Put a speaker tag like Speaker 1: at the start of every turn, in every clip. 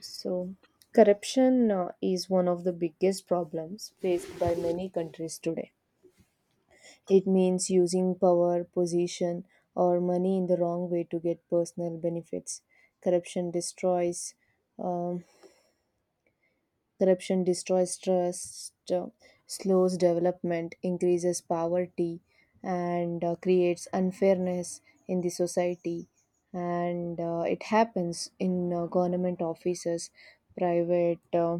Speaker 1: So, corruption is one of the biggest problems faced by many countries today. It means using power, position, or money in the wrong way to get personal benefits. Corruption destroys. Um, corruption destroys trust, slows development, increases poverty, and creates unfairness in the society. And it happens in government offices, private. Uh,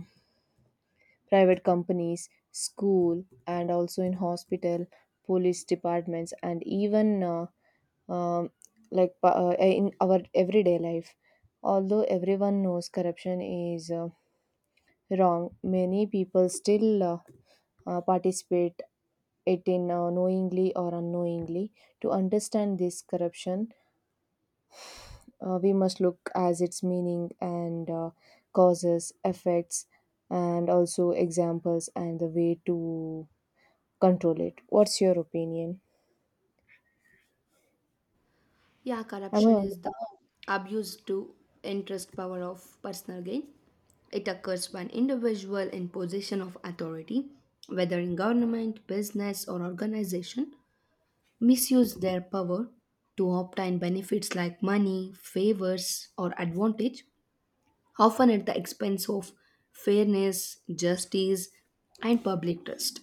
Speaker 1: private companies, school, and also in hospital, police departments, and even um, in our everyday life. Although everyone knows corruption is wrong, many people still participate it in knowingly or unknowingly. To understand this corruption, we must look as its meaning and causes, effects, and also examples and the way to control it. What's your opinion?
Speaker 2: Yeah,
Speaker 1: Am I
Speaker 2: corruption
Speaker 1: on?
Speaker 2: is the abuse to interest power of personal gain. It occurs when individual in position of authority, whether in government, business, or organization, misuse their power to obtain benefits like money, favors, or advantage, often at the expense of fairness, justice, and public trust.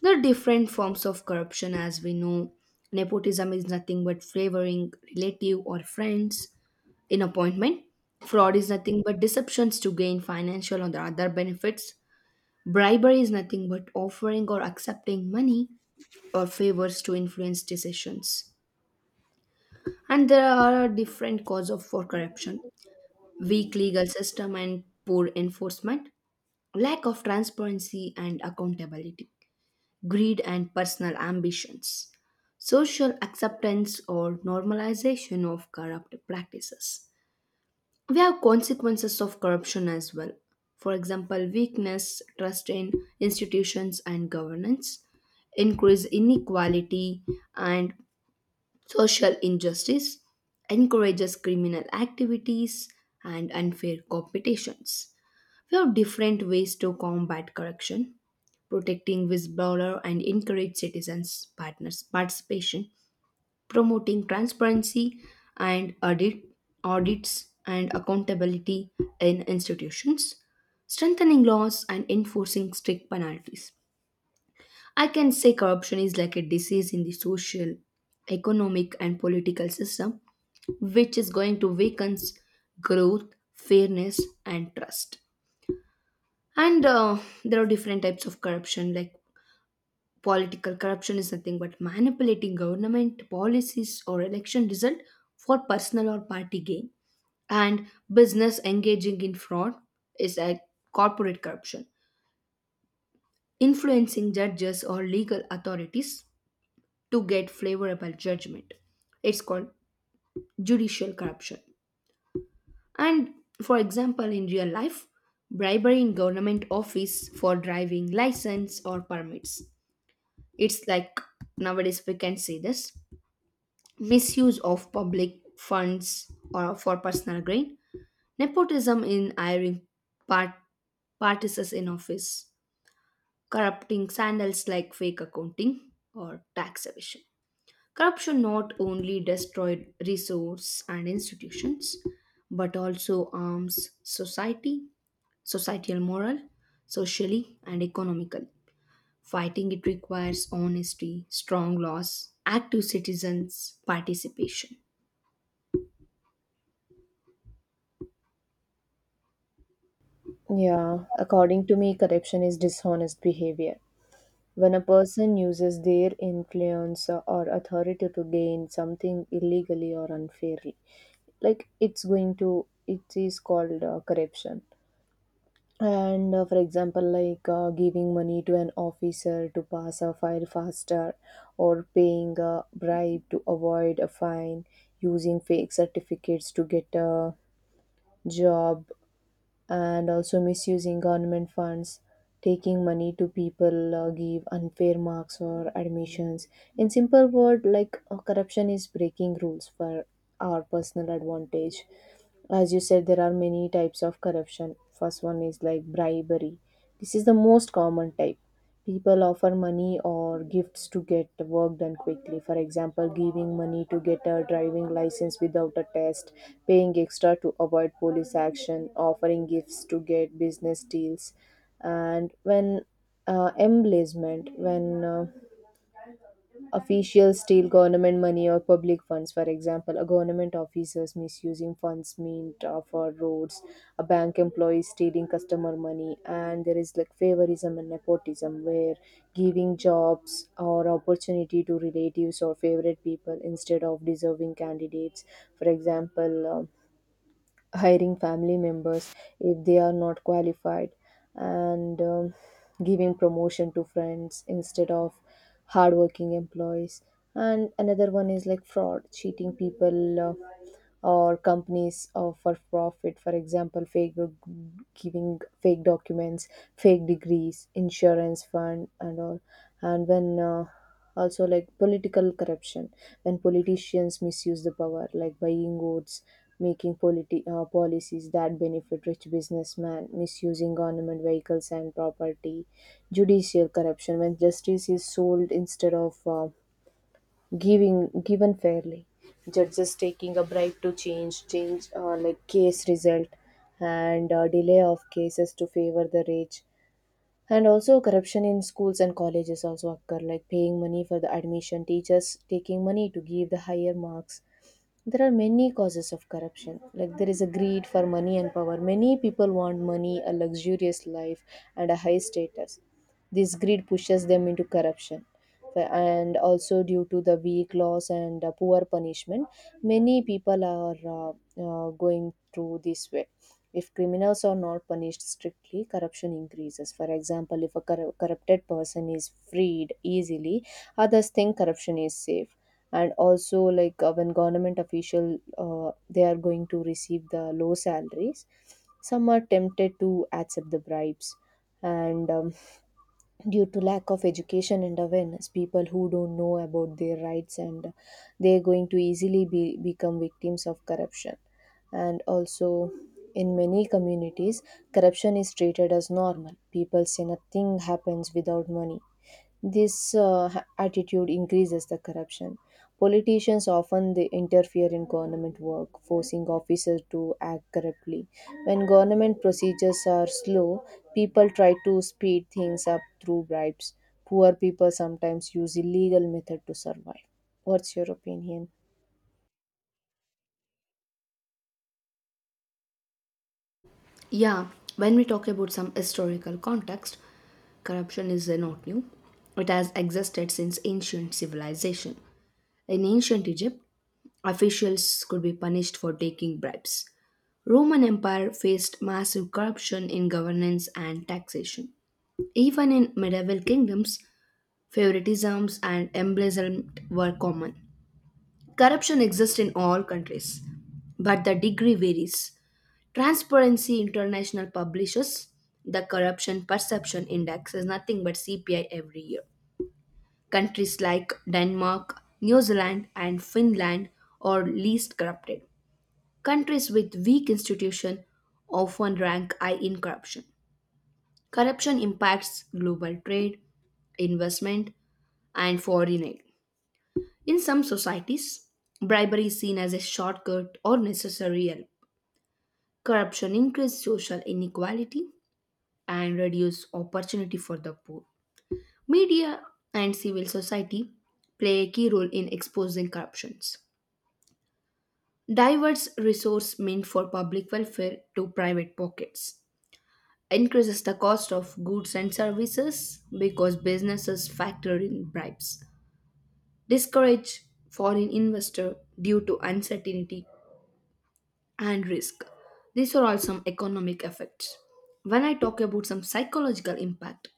Speaker 2: There are different forms of corruption, as we know. Nepotism is nothing but favoring relative or friends in appointment. Fraud is nothing but deceptions to gain financial or the other benefits. Bribery is nothing but offering or accepting money or favors to influence decisions. And there are different causes of for corruption: weak legal system and poor enforcement, lack of transparency and accountability, greed, and personal ambitions. Social acceptance or normalization of corrupt practices. We have consequences of corruption as well. For example, weakness, trust in institutions and governance, increase inequality and social injustice, encourages criminal activities and unfair competitions. We have different ways to combat corruption, protecting whistleblower and encourage citizens partners participation, promoting transparency and audits and accountability in institutions, strengthening laws and enforcing strict penalties. I can say corruption is like a disease in the social, economic, and political system, which is going to weaken growth, fairness, and trust. And there are different types of corruption, like political corruption is nothing but manipulating government policies or election result for personal or party gain. And business engaging in fraud is like corporate corruption, influencing judges or legal authorities to get favorable judgment. It's called judicial corruption. And for example, in real life, bribery in government office for driving license or permits, it's like nowadays we can see this misuse of public funds or for personal gain, nepotism in hiring, part partisans in office, corrupting scandals like fake accounting or tax evasion. Corruption not only destroyed resource and institutions but also harms society societal moral, socially and economically. Fighting it requires honesty, strong laws, active citizens' participation.
Speaker 1: Yeah, according to me, corruption is dishonest behavior. When a person uses their influence or authority to gain something illegally or unfairly, it is called corruption. And for example, giving money to an officer to pass a file faster, or paying a bribe to avoid a fine, using fake certificates to get a job, and also misusing government funds, taking money to people, give unfair marks or admissions. In simple word, corruption is breaking rules for our personal advantage. As you said, there are many types of corruption. First one is like bribery. This is the most common type. People offer money or gifts to get work done quickly. For example, giving money to get a driving license without a test, paying extra to avoid police action, offering gifts to get business deals. And when embezzlement, when official steal government money or public funds. For example, a government officers misusing funds meant for roads, a bank employee stealing customer money. And there is like favorism and nepotism, where giving jobs or opportunity to relatives or favorite people instead of deserving candidates. For example, hiring family members if they are not qualified, and giving promotion to friends instead of hardworking employees. And another one is like fraud, cheating people or companies for profit. For example, fake giving fake documents, fake degrees, insurance fund and all. And when also like political corruption, when politicians misuse the power, like buying votes, making policies that benefit rich businessmen, misusing government vehicles and property. Judicial corruption, when justice is sold instead of giving given fairly, judges taking a bribe to change change like case result, and delay of cases to favor the rich. And also corruption in schools and colleges also occur, like paying money for the admission, teachers taking money to give the higher marks. There are many causes of corruption. Like, there is a greed for money and power. Many people want money, a luxurious life, and a high status. This greed pushes them into corruption. And also, due to the weak laws and poor punishment, many people are going through this way. If criminals are not punished strictly, corruption increases. For example, if a corrupted person is freed easily, others think corruption is safe. And also, when government official, they are going to receive the low salaries. Some are tempted to accept the bribes, and due to lack of education and awareness, people who don't know about their rights and they're going to become victims of corruption. And also, in many communities, corruption is treated as normal. People say nothing happens without money. This attitude increases the corruption. Politicians often they interfere in government work, forcing officers to act corruptly. When government procedures are slow, people try to speed things up through bribes. Poor people sometimes use illegal method to survive. What's your opinion?
Speaker 2: Yeah, when we talk about some historical context, corruption is not new. It has existed since ancient civilization. In ancient Egypt, officials could be punished for taking bribes. Roman Empire faced massive corruption in governance and taxation. Even in medieval kingdoms, favoritisms and embezzlement were common. Corruption exists in all countries, but the degree varies. Transparency International publishes the Corruption Perception Index is nothing but CPI every year. Countries like Denmark, New Zealand, and Finland are least corrupted. Countries with weak institutions often rank high in corruption. Corruption impacts global trade, investment, and foreign aid. In some societies, bribery is seen as a shortcut or necessary help. Corruption increases social inequality and reduces opportunity for the poor. Media and civil society play a key role in exposing corruptions. Diverse resource meant for public welfare to private pockets increases the cost of goods and services because businesses factor in bribes. Discourage foreign investor due to uncertainty and risk. These are all some economic effects. When I talk about some psychological impact,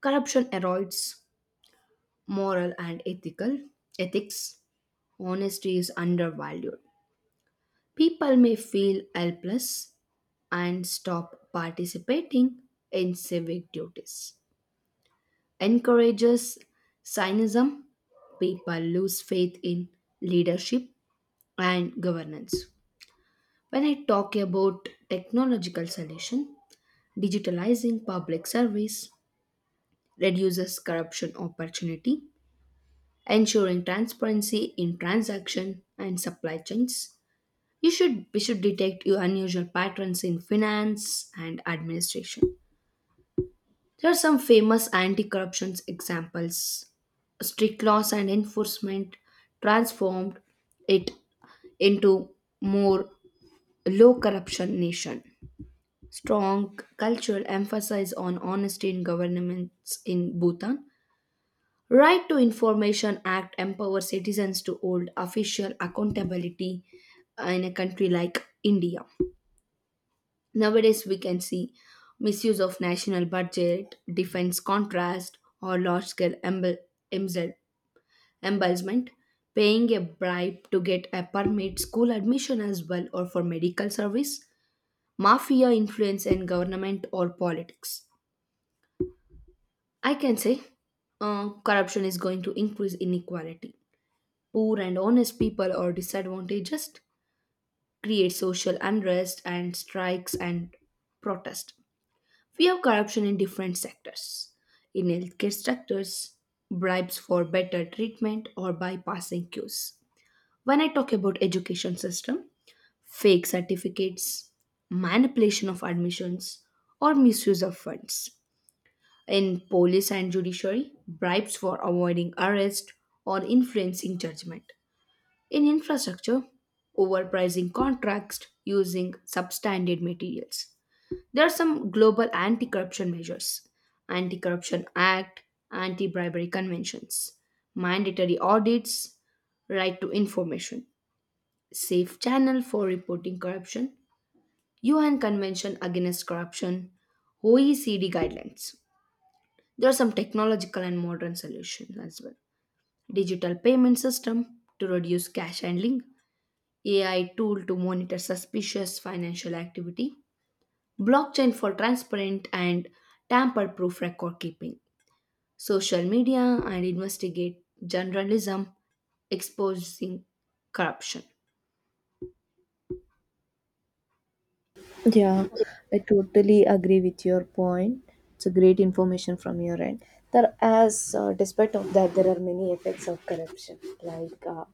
Speaker 2: corruption erodes moral and ethical ethics. Honesty is undervalued. People may feel helpless and stop participating in civic duties. Encourages cynicism. People lose faith in leadership and governance. When I talk about technological solution, digitalizing public service reduces corruption opportunity, ensuring transparency in transaction and supply chains. You should we should detect your unusual patterns in finance and administration. There are some famous anti-corruption examples. Strict laws and enforcement transformed it into more low corruption nation, strong cultural emphasis on honesty in governments in Bhutan. Right to Information Act empowers citizens to hold official accountability in a country like India. Nowadays, we can see misuse of national budget, defense contrast, or large-scale embezzle- embezzlement, paying a bribe to get a permit, school admission as well, or for medical service, mafia influence in government or politics. I can say corruption is going to increase inequality. Poor and honest people are disadvantaged, just create social unrest and strikes and protest. We have corruption in different sectors. In healthcare sectors, bribes for better treatment or bypassing queues. When I talk about education system, fake certificates, manipulation of admissions, or misuse of funds. In police and judiciary, bribes for avoiding arrest or influencing judgment. In infrastructure, overpricing contracts using substandard materials. There are some global anti-corruption measures, anti-corruption act, anti-bribery conventions, mandatory audits, right to information, safe channel for reporting corruption, UN Convention Against Corruption, OECD guidelines. There are some technological and modern solutions as well. Digital payment system to reduce cash handling, AI tool to monitor suspicious financial activity, blockchain for transparent and tamper proof record keeping, social media and investigate journalism exposing corruption.
Speaker 1: Yeah, I totally agree with your point. It's a great information from your end. There, as despite of that, there are many effects of corruption,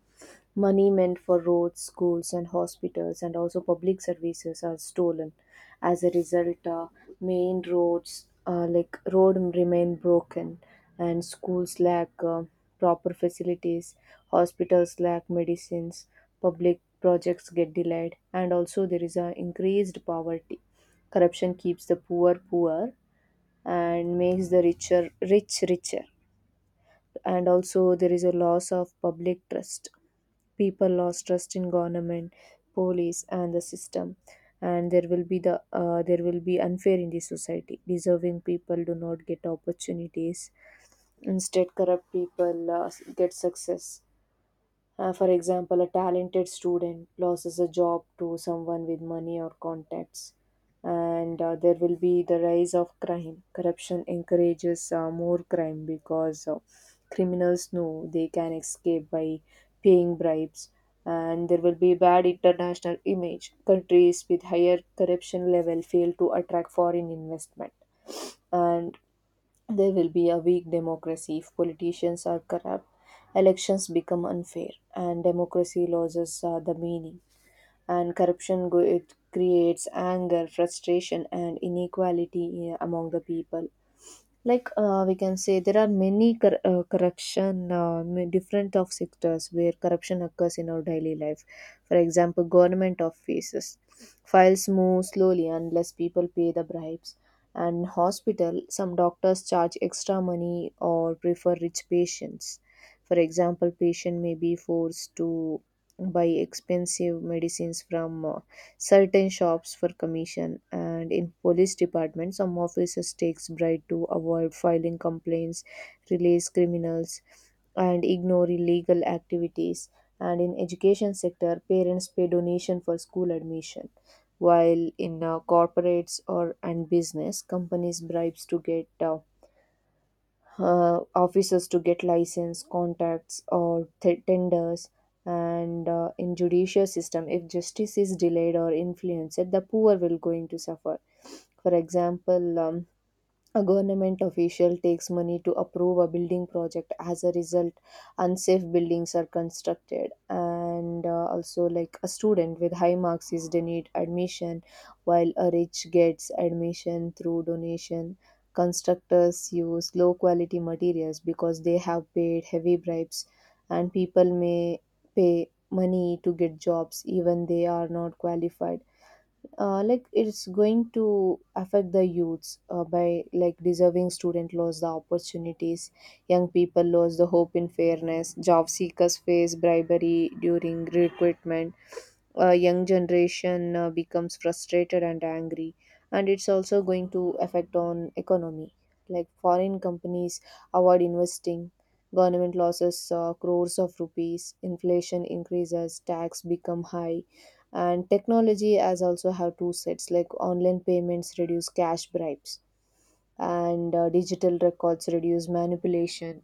Speaker 1: money meant for roads, schools, and hospitals, and also public services, are stolen. As a result, main roads road remain broken, and schools lack proper facilities, hospitals lack medicines, public projects get delayed, and also there is a increased poverty. Corruption keeps the poor poor and makes the rich richer. And also, there is a loss of public trust. People lost trust in government, police and the system. And there will be there will be unfair in the society. Deserving people do not get opportunities. Instead, corrupt people get success. For example, a talented student loses a job to someone with money or contacts. And there will be the rise of crime. Corruption encourages more crime, because criminals know they can escape by paying bribes. And there will be bad international image. Countries with higher corruption level fail to attract foreign investment. And there will be a weak democracy. If politicians are corrupt, elections become unfair, and democracy loses the meaning. And it creates anger, frustration and inequality among the people. We can say there are many different of sectors where corruption occurs in our daily life. For example, government offices, files move slowly unless people pay the bribes. And hospital, some doctors charge extra money or prefer rich patients. For example, patient may be forced to buy expensive medicines from certain shops for commission. And in police department, some officers takes bribe to avoid filing complaints, release criminals, and ignore illegal activities. And in education sector, parents pay donation for school admission, while in corporates or and business companies, bribes to get officers to get license, contacts or tenders. And in judicial system, if justice is delayed or influenced, the poor will going to suffer. For example, a government official takes money to approve a building project. As a result, unsafe buildings are constructed. And also, like a student with high marks is denied admission, while a rich gets admission through donation. Constructors use low quality materials because they have paid heavy bribes, and people may pay money to get jobs even they are not qualified. It's going to affect the youths, by like deserving student lost the opportunities, young people lost the hope in fairness, job seekers face bribery during recruitment, a young generation becomes frustrated and angry. And it's also going to affect on economy, like foreign companies avoid investing, government losses crores of rupees, inflation increases, tax become high. And technology as also have two sets, like online payments reduce cash bribes, and digital records reduce manipulation.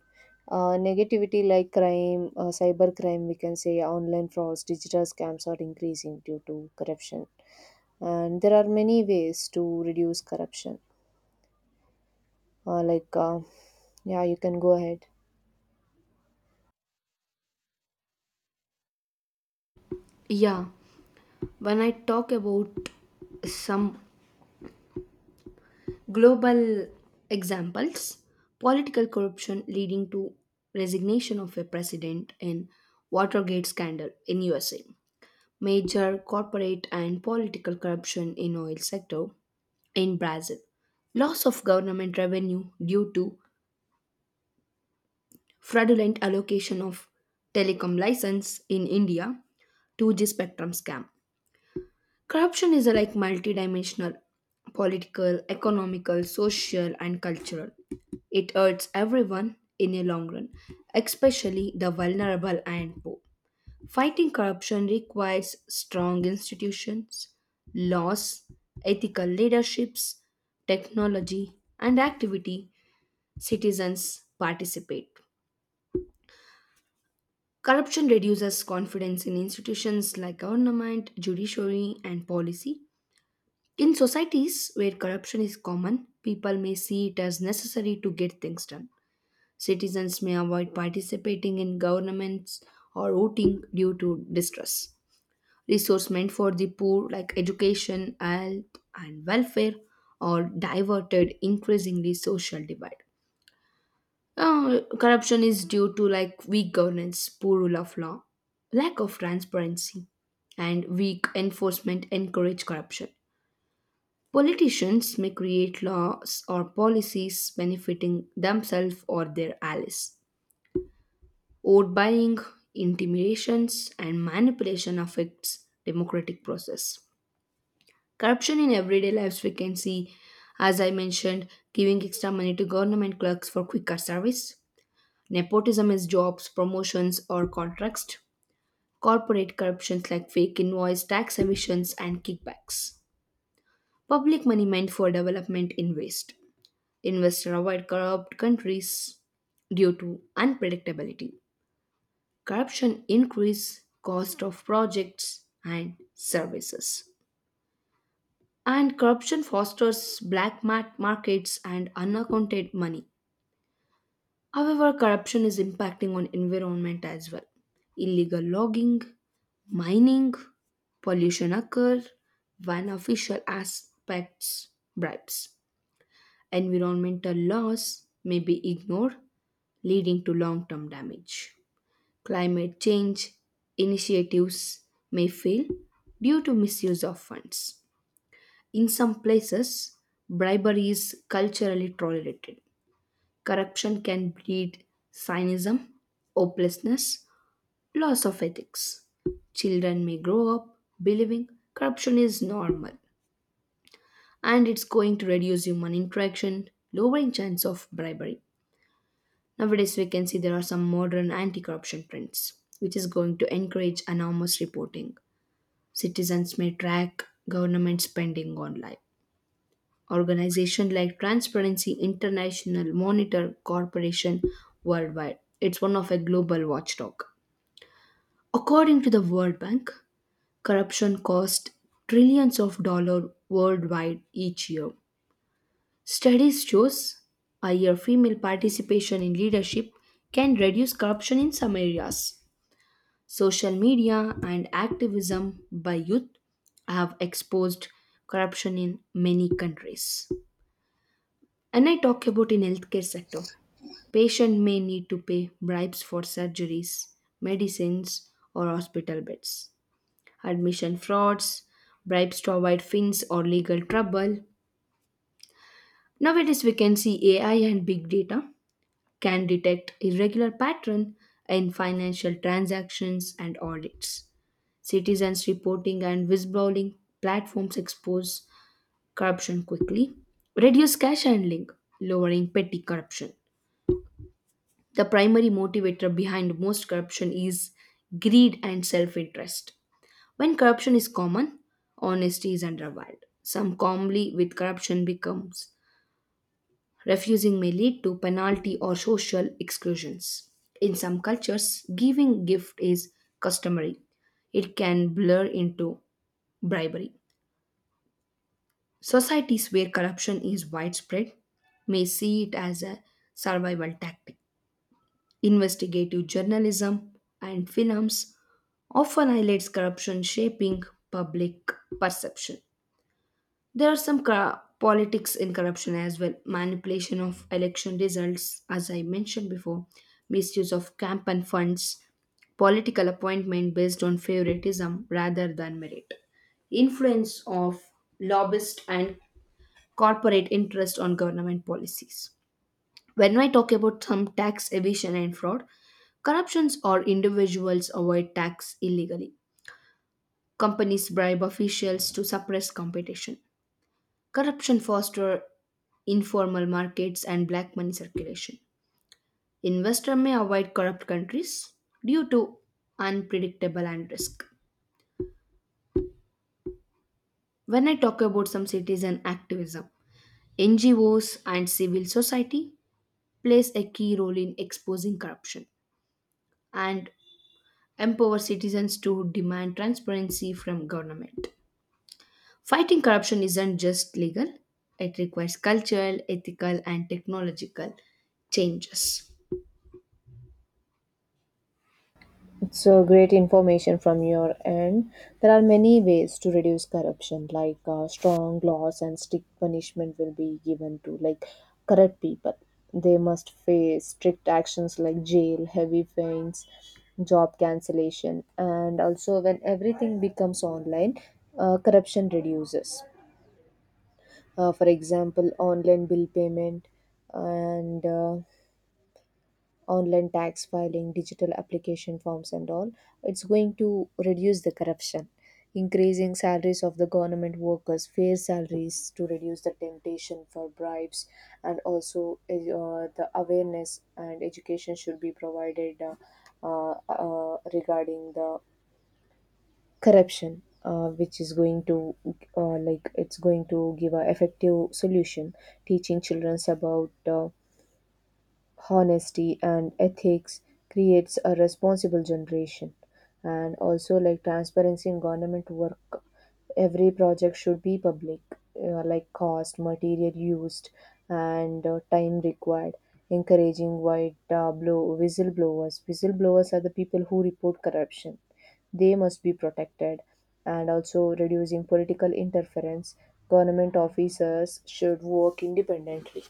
Speaker 1: Negativity like crime, cyber crime. We can say online frauds, digital scams are increasing due to corruption. And there are many ways to reduce corruption. Uh, like, uh, yeah, you can go ahead.
Speaker 2: Yeah, when I talk about some global examples, political corruption leading to resignation of a president in Watergate scandal in USA. Major corporate and political corruption in oil sector in Brazil, loss of government revenue due to fraudulent allocation of telecom license in India, 2G spectrum scam. Corruption is a like multidimensional, political, economical, social, and cultural. It hurts everyone in a long run, especially the vulnerable and poor. Fighting corruption requires strong institutions, laws, ethical leaderships, technology, and activity citizens participate. Corruption reduces confidence in institutions like government, judiciary, and policy. In societies where corruption is common, people may see it as necessary to get things done. Citizens may avoid participating in governments or voting due to distrust. Resource meant for the poor like education, health, and welfare are diverted, increasingly social divide. Corruption is due to like weak governance, poor rule of law, lack of transparency, and weak enforcement encourage corruption. Politicians may create laws or policies benefiting themselves or their allies. Vote buying, intimidations, and manipulation affects democratic process. Corruption in everyday lives we can see, as I mentioned, giving extra money to government clerks for quicker service. Nepotism is jobs, promotions, or contracts. Corporate corruptions like fake invoice, tax evasions, and kickbacks. Public money meant for development in waste. Investors avoid corrupt countries due to unpredictability. Corruption increase cost of projects and services. And corruption fosters black markets and unaccounted money. However, corruption is impacting on environment as well. Illegal logging, mining, pollution occur when official aspects bribes. Environmental laws may be ignored, leading to long-term damage. Climate change initiatives may fail due to misuse of funds. In some places, bribery is culturally tolerated. Corruption can breed cynicism, hopelessness, loss of ethics. Children may grow up believing corruption is normal, and it's going to reduce human interaction, lowering chance of bribery. Nowadays, we can see there are some modern anti corruption trends, which is going to encourage anonymous reporting. Citizens may track government spending online. Organizations like Transparency International monitor Corporation worldwide. It's one of a global watchdog. According to the World Bank, corruption costs trillions of dollars worldwide each year. Studies shows higher female participation in leadership can reduce corruption in some areas. Social media and activism by youth have exposed corruption in many countries. And I talk about in healthcare sector. Patient may need to pay bribes for surgeries, medicines, or hospital beds. Admission frauds, bribes to avoid fins or legal trouble. Nowadays, we can see AI and big data can detect irregular pattern in financial transactions and audits. Citizens reporting and whistleblowing platforms expose corruption quickly, reduce cash handling, lowering petty corruption. The primary motivator behind most corruption is greed and self interest. When corruption is common, honesty is undervalued. Some calmly with corruption becomes refusing may lead to penalty or social exclusions. In some cultures, giving gift is customary. It can blur into bribery. Societies where corruption is widespread may see it as a survival tactic. Investigative journalism and films often highlights corruption shaping public perception. There are some politics in corruption as well, manipulation of election results, as I mentioned before, misuse of campaign funds, political appointment based on favoritism rather than merit, influence of lobbyist and corporate interest on government policies. When I talk about some tax evasion and fraud, corruptions or individuals avoid tax illegally. Companies bribe officials to suppress competition. Corruption fosters informal markets and black money circulation. Investor may avoid corrupt countries due to unpredictable and risk. When I talk about some citizen activism, NGOs and civil society plays a key role in exposing corruption and empower citizens to demand transparency from government. Fighting corruption isn't just legal, it requires cultural, ethical, and technological changes.
Speaker 1: So great information from your end. There are many ways to reduce corruption, strong laws and strict punishment will be given to like corrupt people. They must face strict actions like jail, heavy fines, job cancellation. And also, when everything becomes online, corruption reduces. For example, online bill payment and online tax filing, digital application forms, and all, it's going to reduce the corruption. Increasing salaries of the government workers, fair salaries to reduce the temptation for bribes. And also the awareness and education should be provided regarding the corruption, which is going to it's going to give a effective solution. Teaching children about honesty and ethics creates a responsible generation. And also, like transparency in government work, every project should be public, like cost, material used, and time required. Encouraging white blow whistleblowers, whistleblowers are the people who report corruption. They must be protected. And also, reducing political interference, government officers should work independently.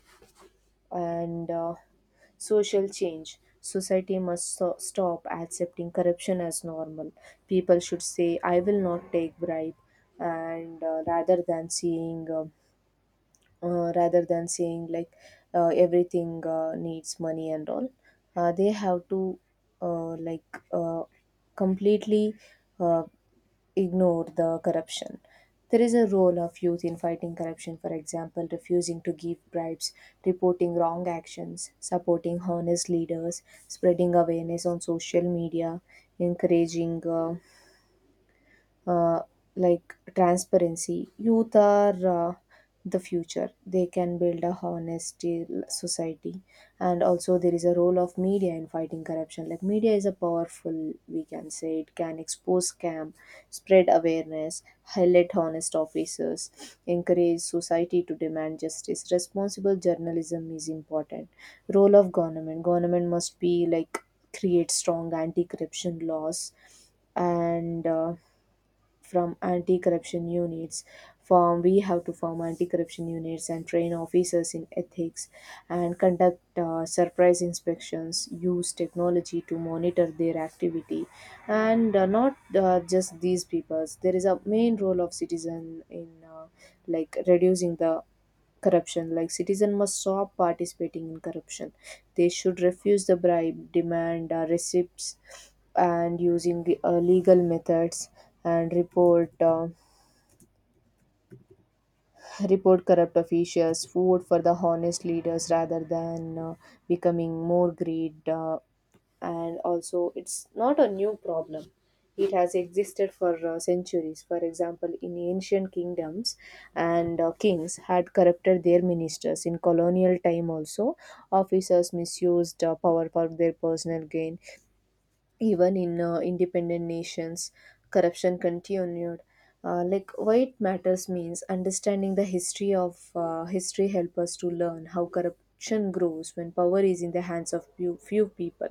Speaker 1: And social change. Society must stop accepting corruption as normal. People should say, I will not take bribe. And rather than seeing, rather than saying like everything needs money and all, they have to uh, like uh, completely uh, ignore the corruption. There is a role of youth in fighting corruption. For example, refusing to give bribes, reporting wrong actions, supporting honest leaders, spreading awareness on social media, encouraging uh, transparency. Youth are the future. They can build a honest society. And also, there is a role of media in fighting corruption. Like, media is a powerful, we can say, it can expose scam, spread awareness, highlight honest officers, encourage society to demand justice. Responsible journalism is important. Role of government must be like create strong anti corruption laws and from anti-corruption units form we have to form anti-corruption units and train officers in ethics and conduct surprise inspections, use technology to monitor their activity, and not just these peoples. There is a main role of citizen in like reducing the corruption. Like, citizen must stop participating in corruption. They should refuse the bribe, demand receipts and using the legal methods, and report corrupt officials, vote for the honest leaders rather than becoming more greed. And also, it's not a new problem. It has existed for centuries. For example, in ancient kingdoms and kings had corrupted their ministers. In colonial time also, officers misused power for their personal gain. Even in independent nations, corruption continued. Like, why it matters means understanding the history of history help us to learn how corruption grows when power is in the hands of few people.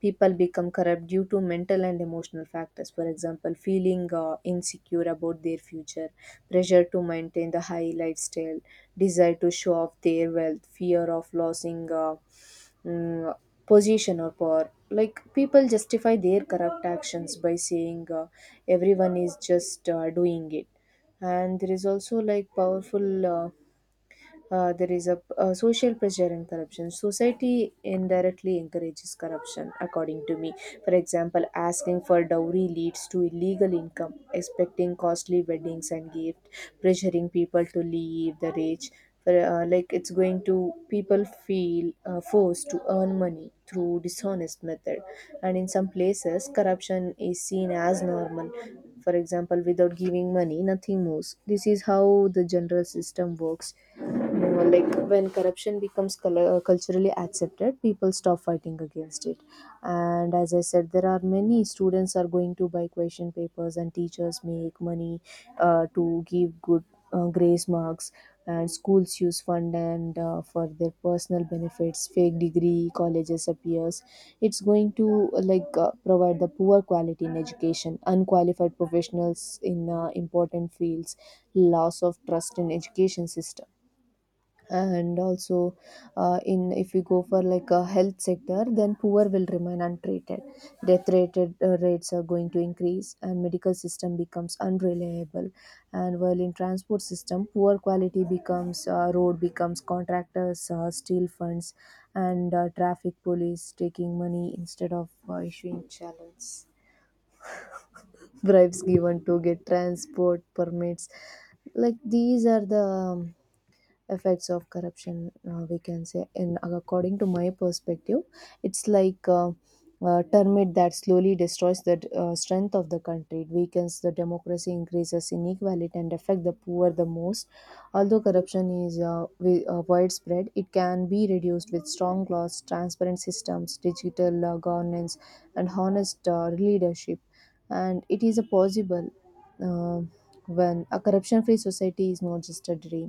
Speaker 1: People become corrupt due to mental and emotional factors. For example, feeling insecure about their future, pressure to maintain the high lifestyle, desire to show off their wealth, fear of losing mm, position or power. Like, people justify their corrupt actions by saying everyone is just doing it. And there is also like powerful. There is a social pressure and corruption. Society indirectly encourages corruption, according to me. For example, asking for dowry leads to illegal income, expecting costly weddings and gifts, pressuring people to leave the rich. For, like, it's going to people feel forced to earn money through dishonest method, and in some places corruption is seen as normal. For example, without giving money nothing moves, this is how the general system works. No, like, when corruption becomes culturally accepted, people stop fighting against it. And as I said, there are many students are going to buy question papers, and teachers make money to give good grace marks. And schools use fund and for their personal benefits. Fake degree colleges appears. It's going to like provide the poor quality in education, unqualified professionals in important fields, loss of trust in education system. And also in, if we go for like a health sector, then poor will remain untreated, death rated rates are going to increase and medical system becomes unreliable. And while in transport system, poor quality becomes road becomes, contractors steal funds, and traffic police taking money instead of issuing challenge, bribes given to get transport permits. Like, these are the effects of corruption we can say in according to my perspective. It's like termite that slowly destroys the strength of the country. It weakens the democracy, increases inequality and affect the poor the most. Although corruption is widespread, it can be reduced with strong laws, transparent systems, digital governance and honest leadership, and it is a possible. Um when a corruption free society is not just a dream,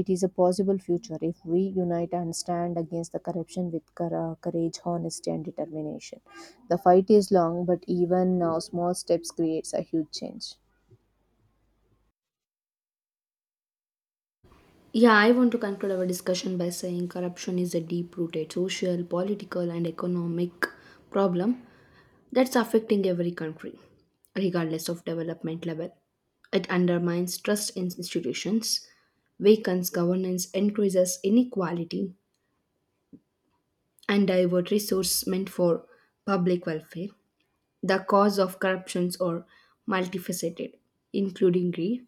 Speaker 1: it is a possible future if we unite and stand against the corruption with courage, honesty and determination. The fight is long, but even small steps creates a huge change.
Speaker 2: Yeah, I want to conclude our discussion by saying corruption is a deep rooted social, political, and economic problem that's affecting every country, regardless of development level. It undermines trust in institutions, weakens governance, increases inequality, and divert resources meant for public welfare. The cause of corruptions are multifaceted, including greed,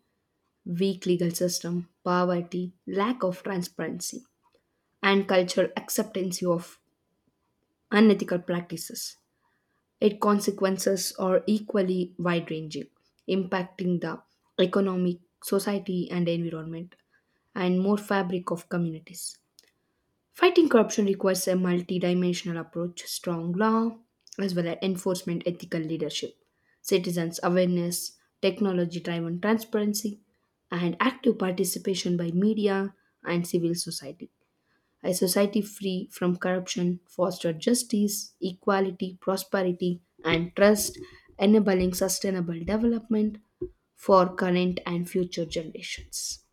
Speaker 2: weak legal system, poverty, lack of transparency, and cultural acceptance of unethical practices. Its consequences are equally wide ranging, impacting the economic, society, and environment, and more fabric of communities. Fighting corruption requires a multidimensional approach, strong law, as well as enforcement ethical leadership, citizens' awareness, technology driven transparency, and active participation by media and civil society. A society free from corruption fosters justice, equality, prosperity, and trust, enabling sustainable development for current and future generations.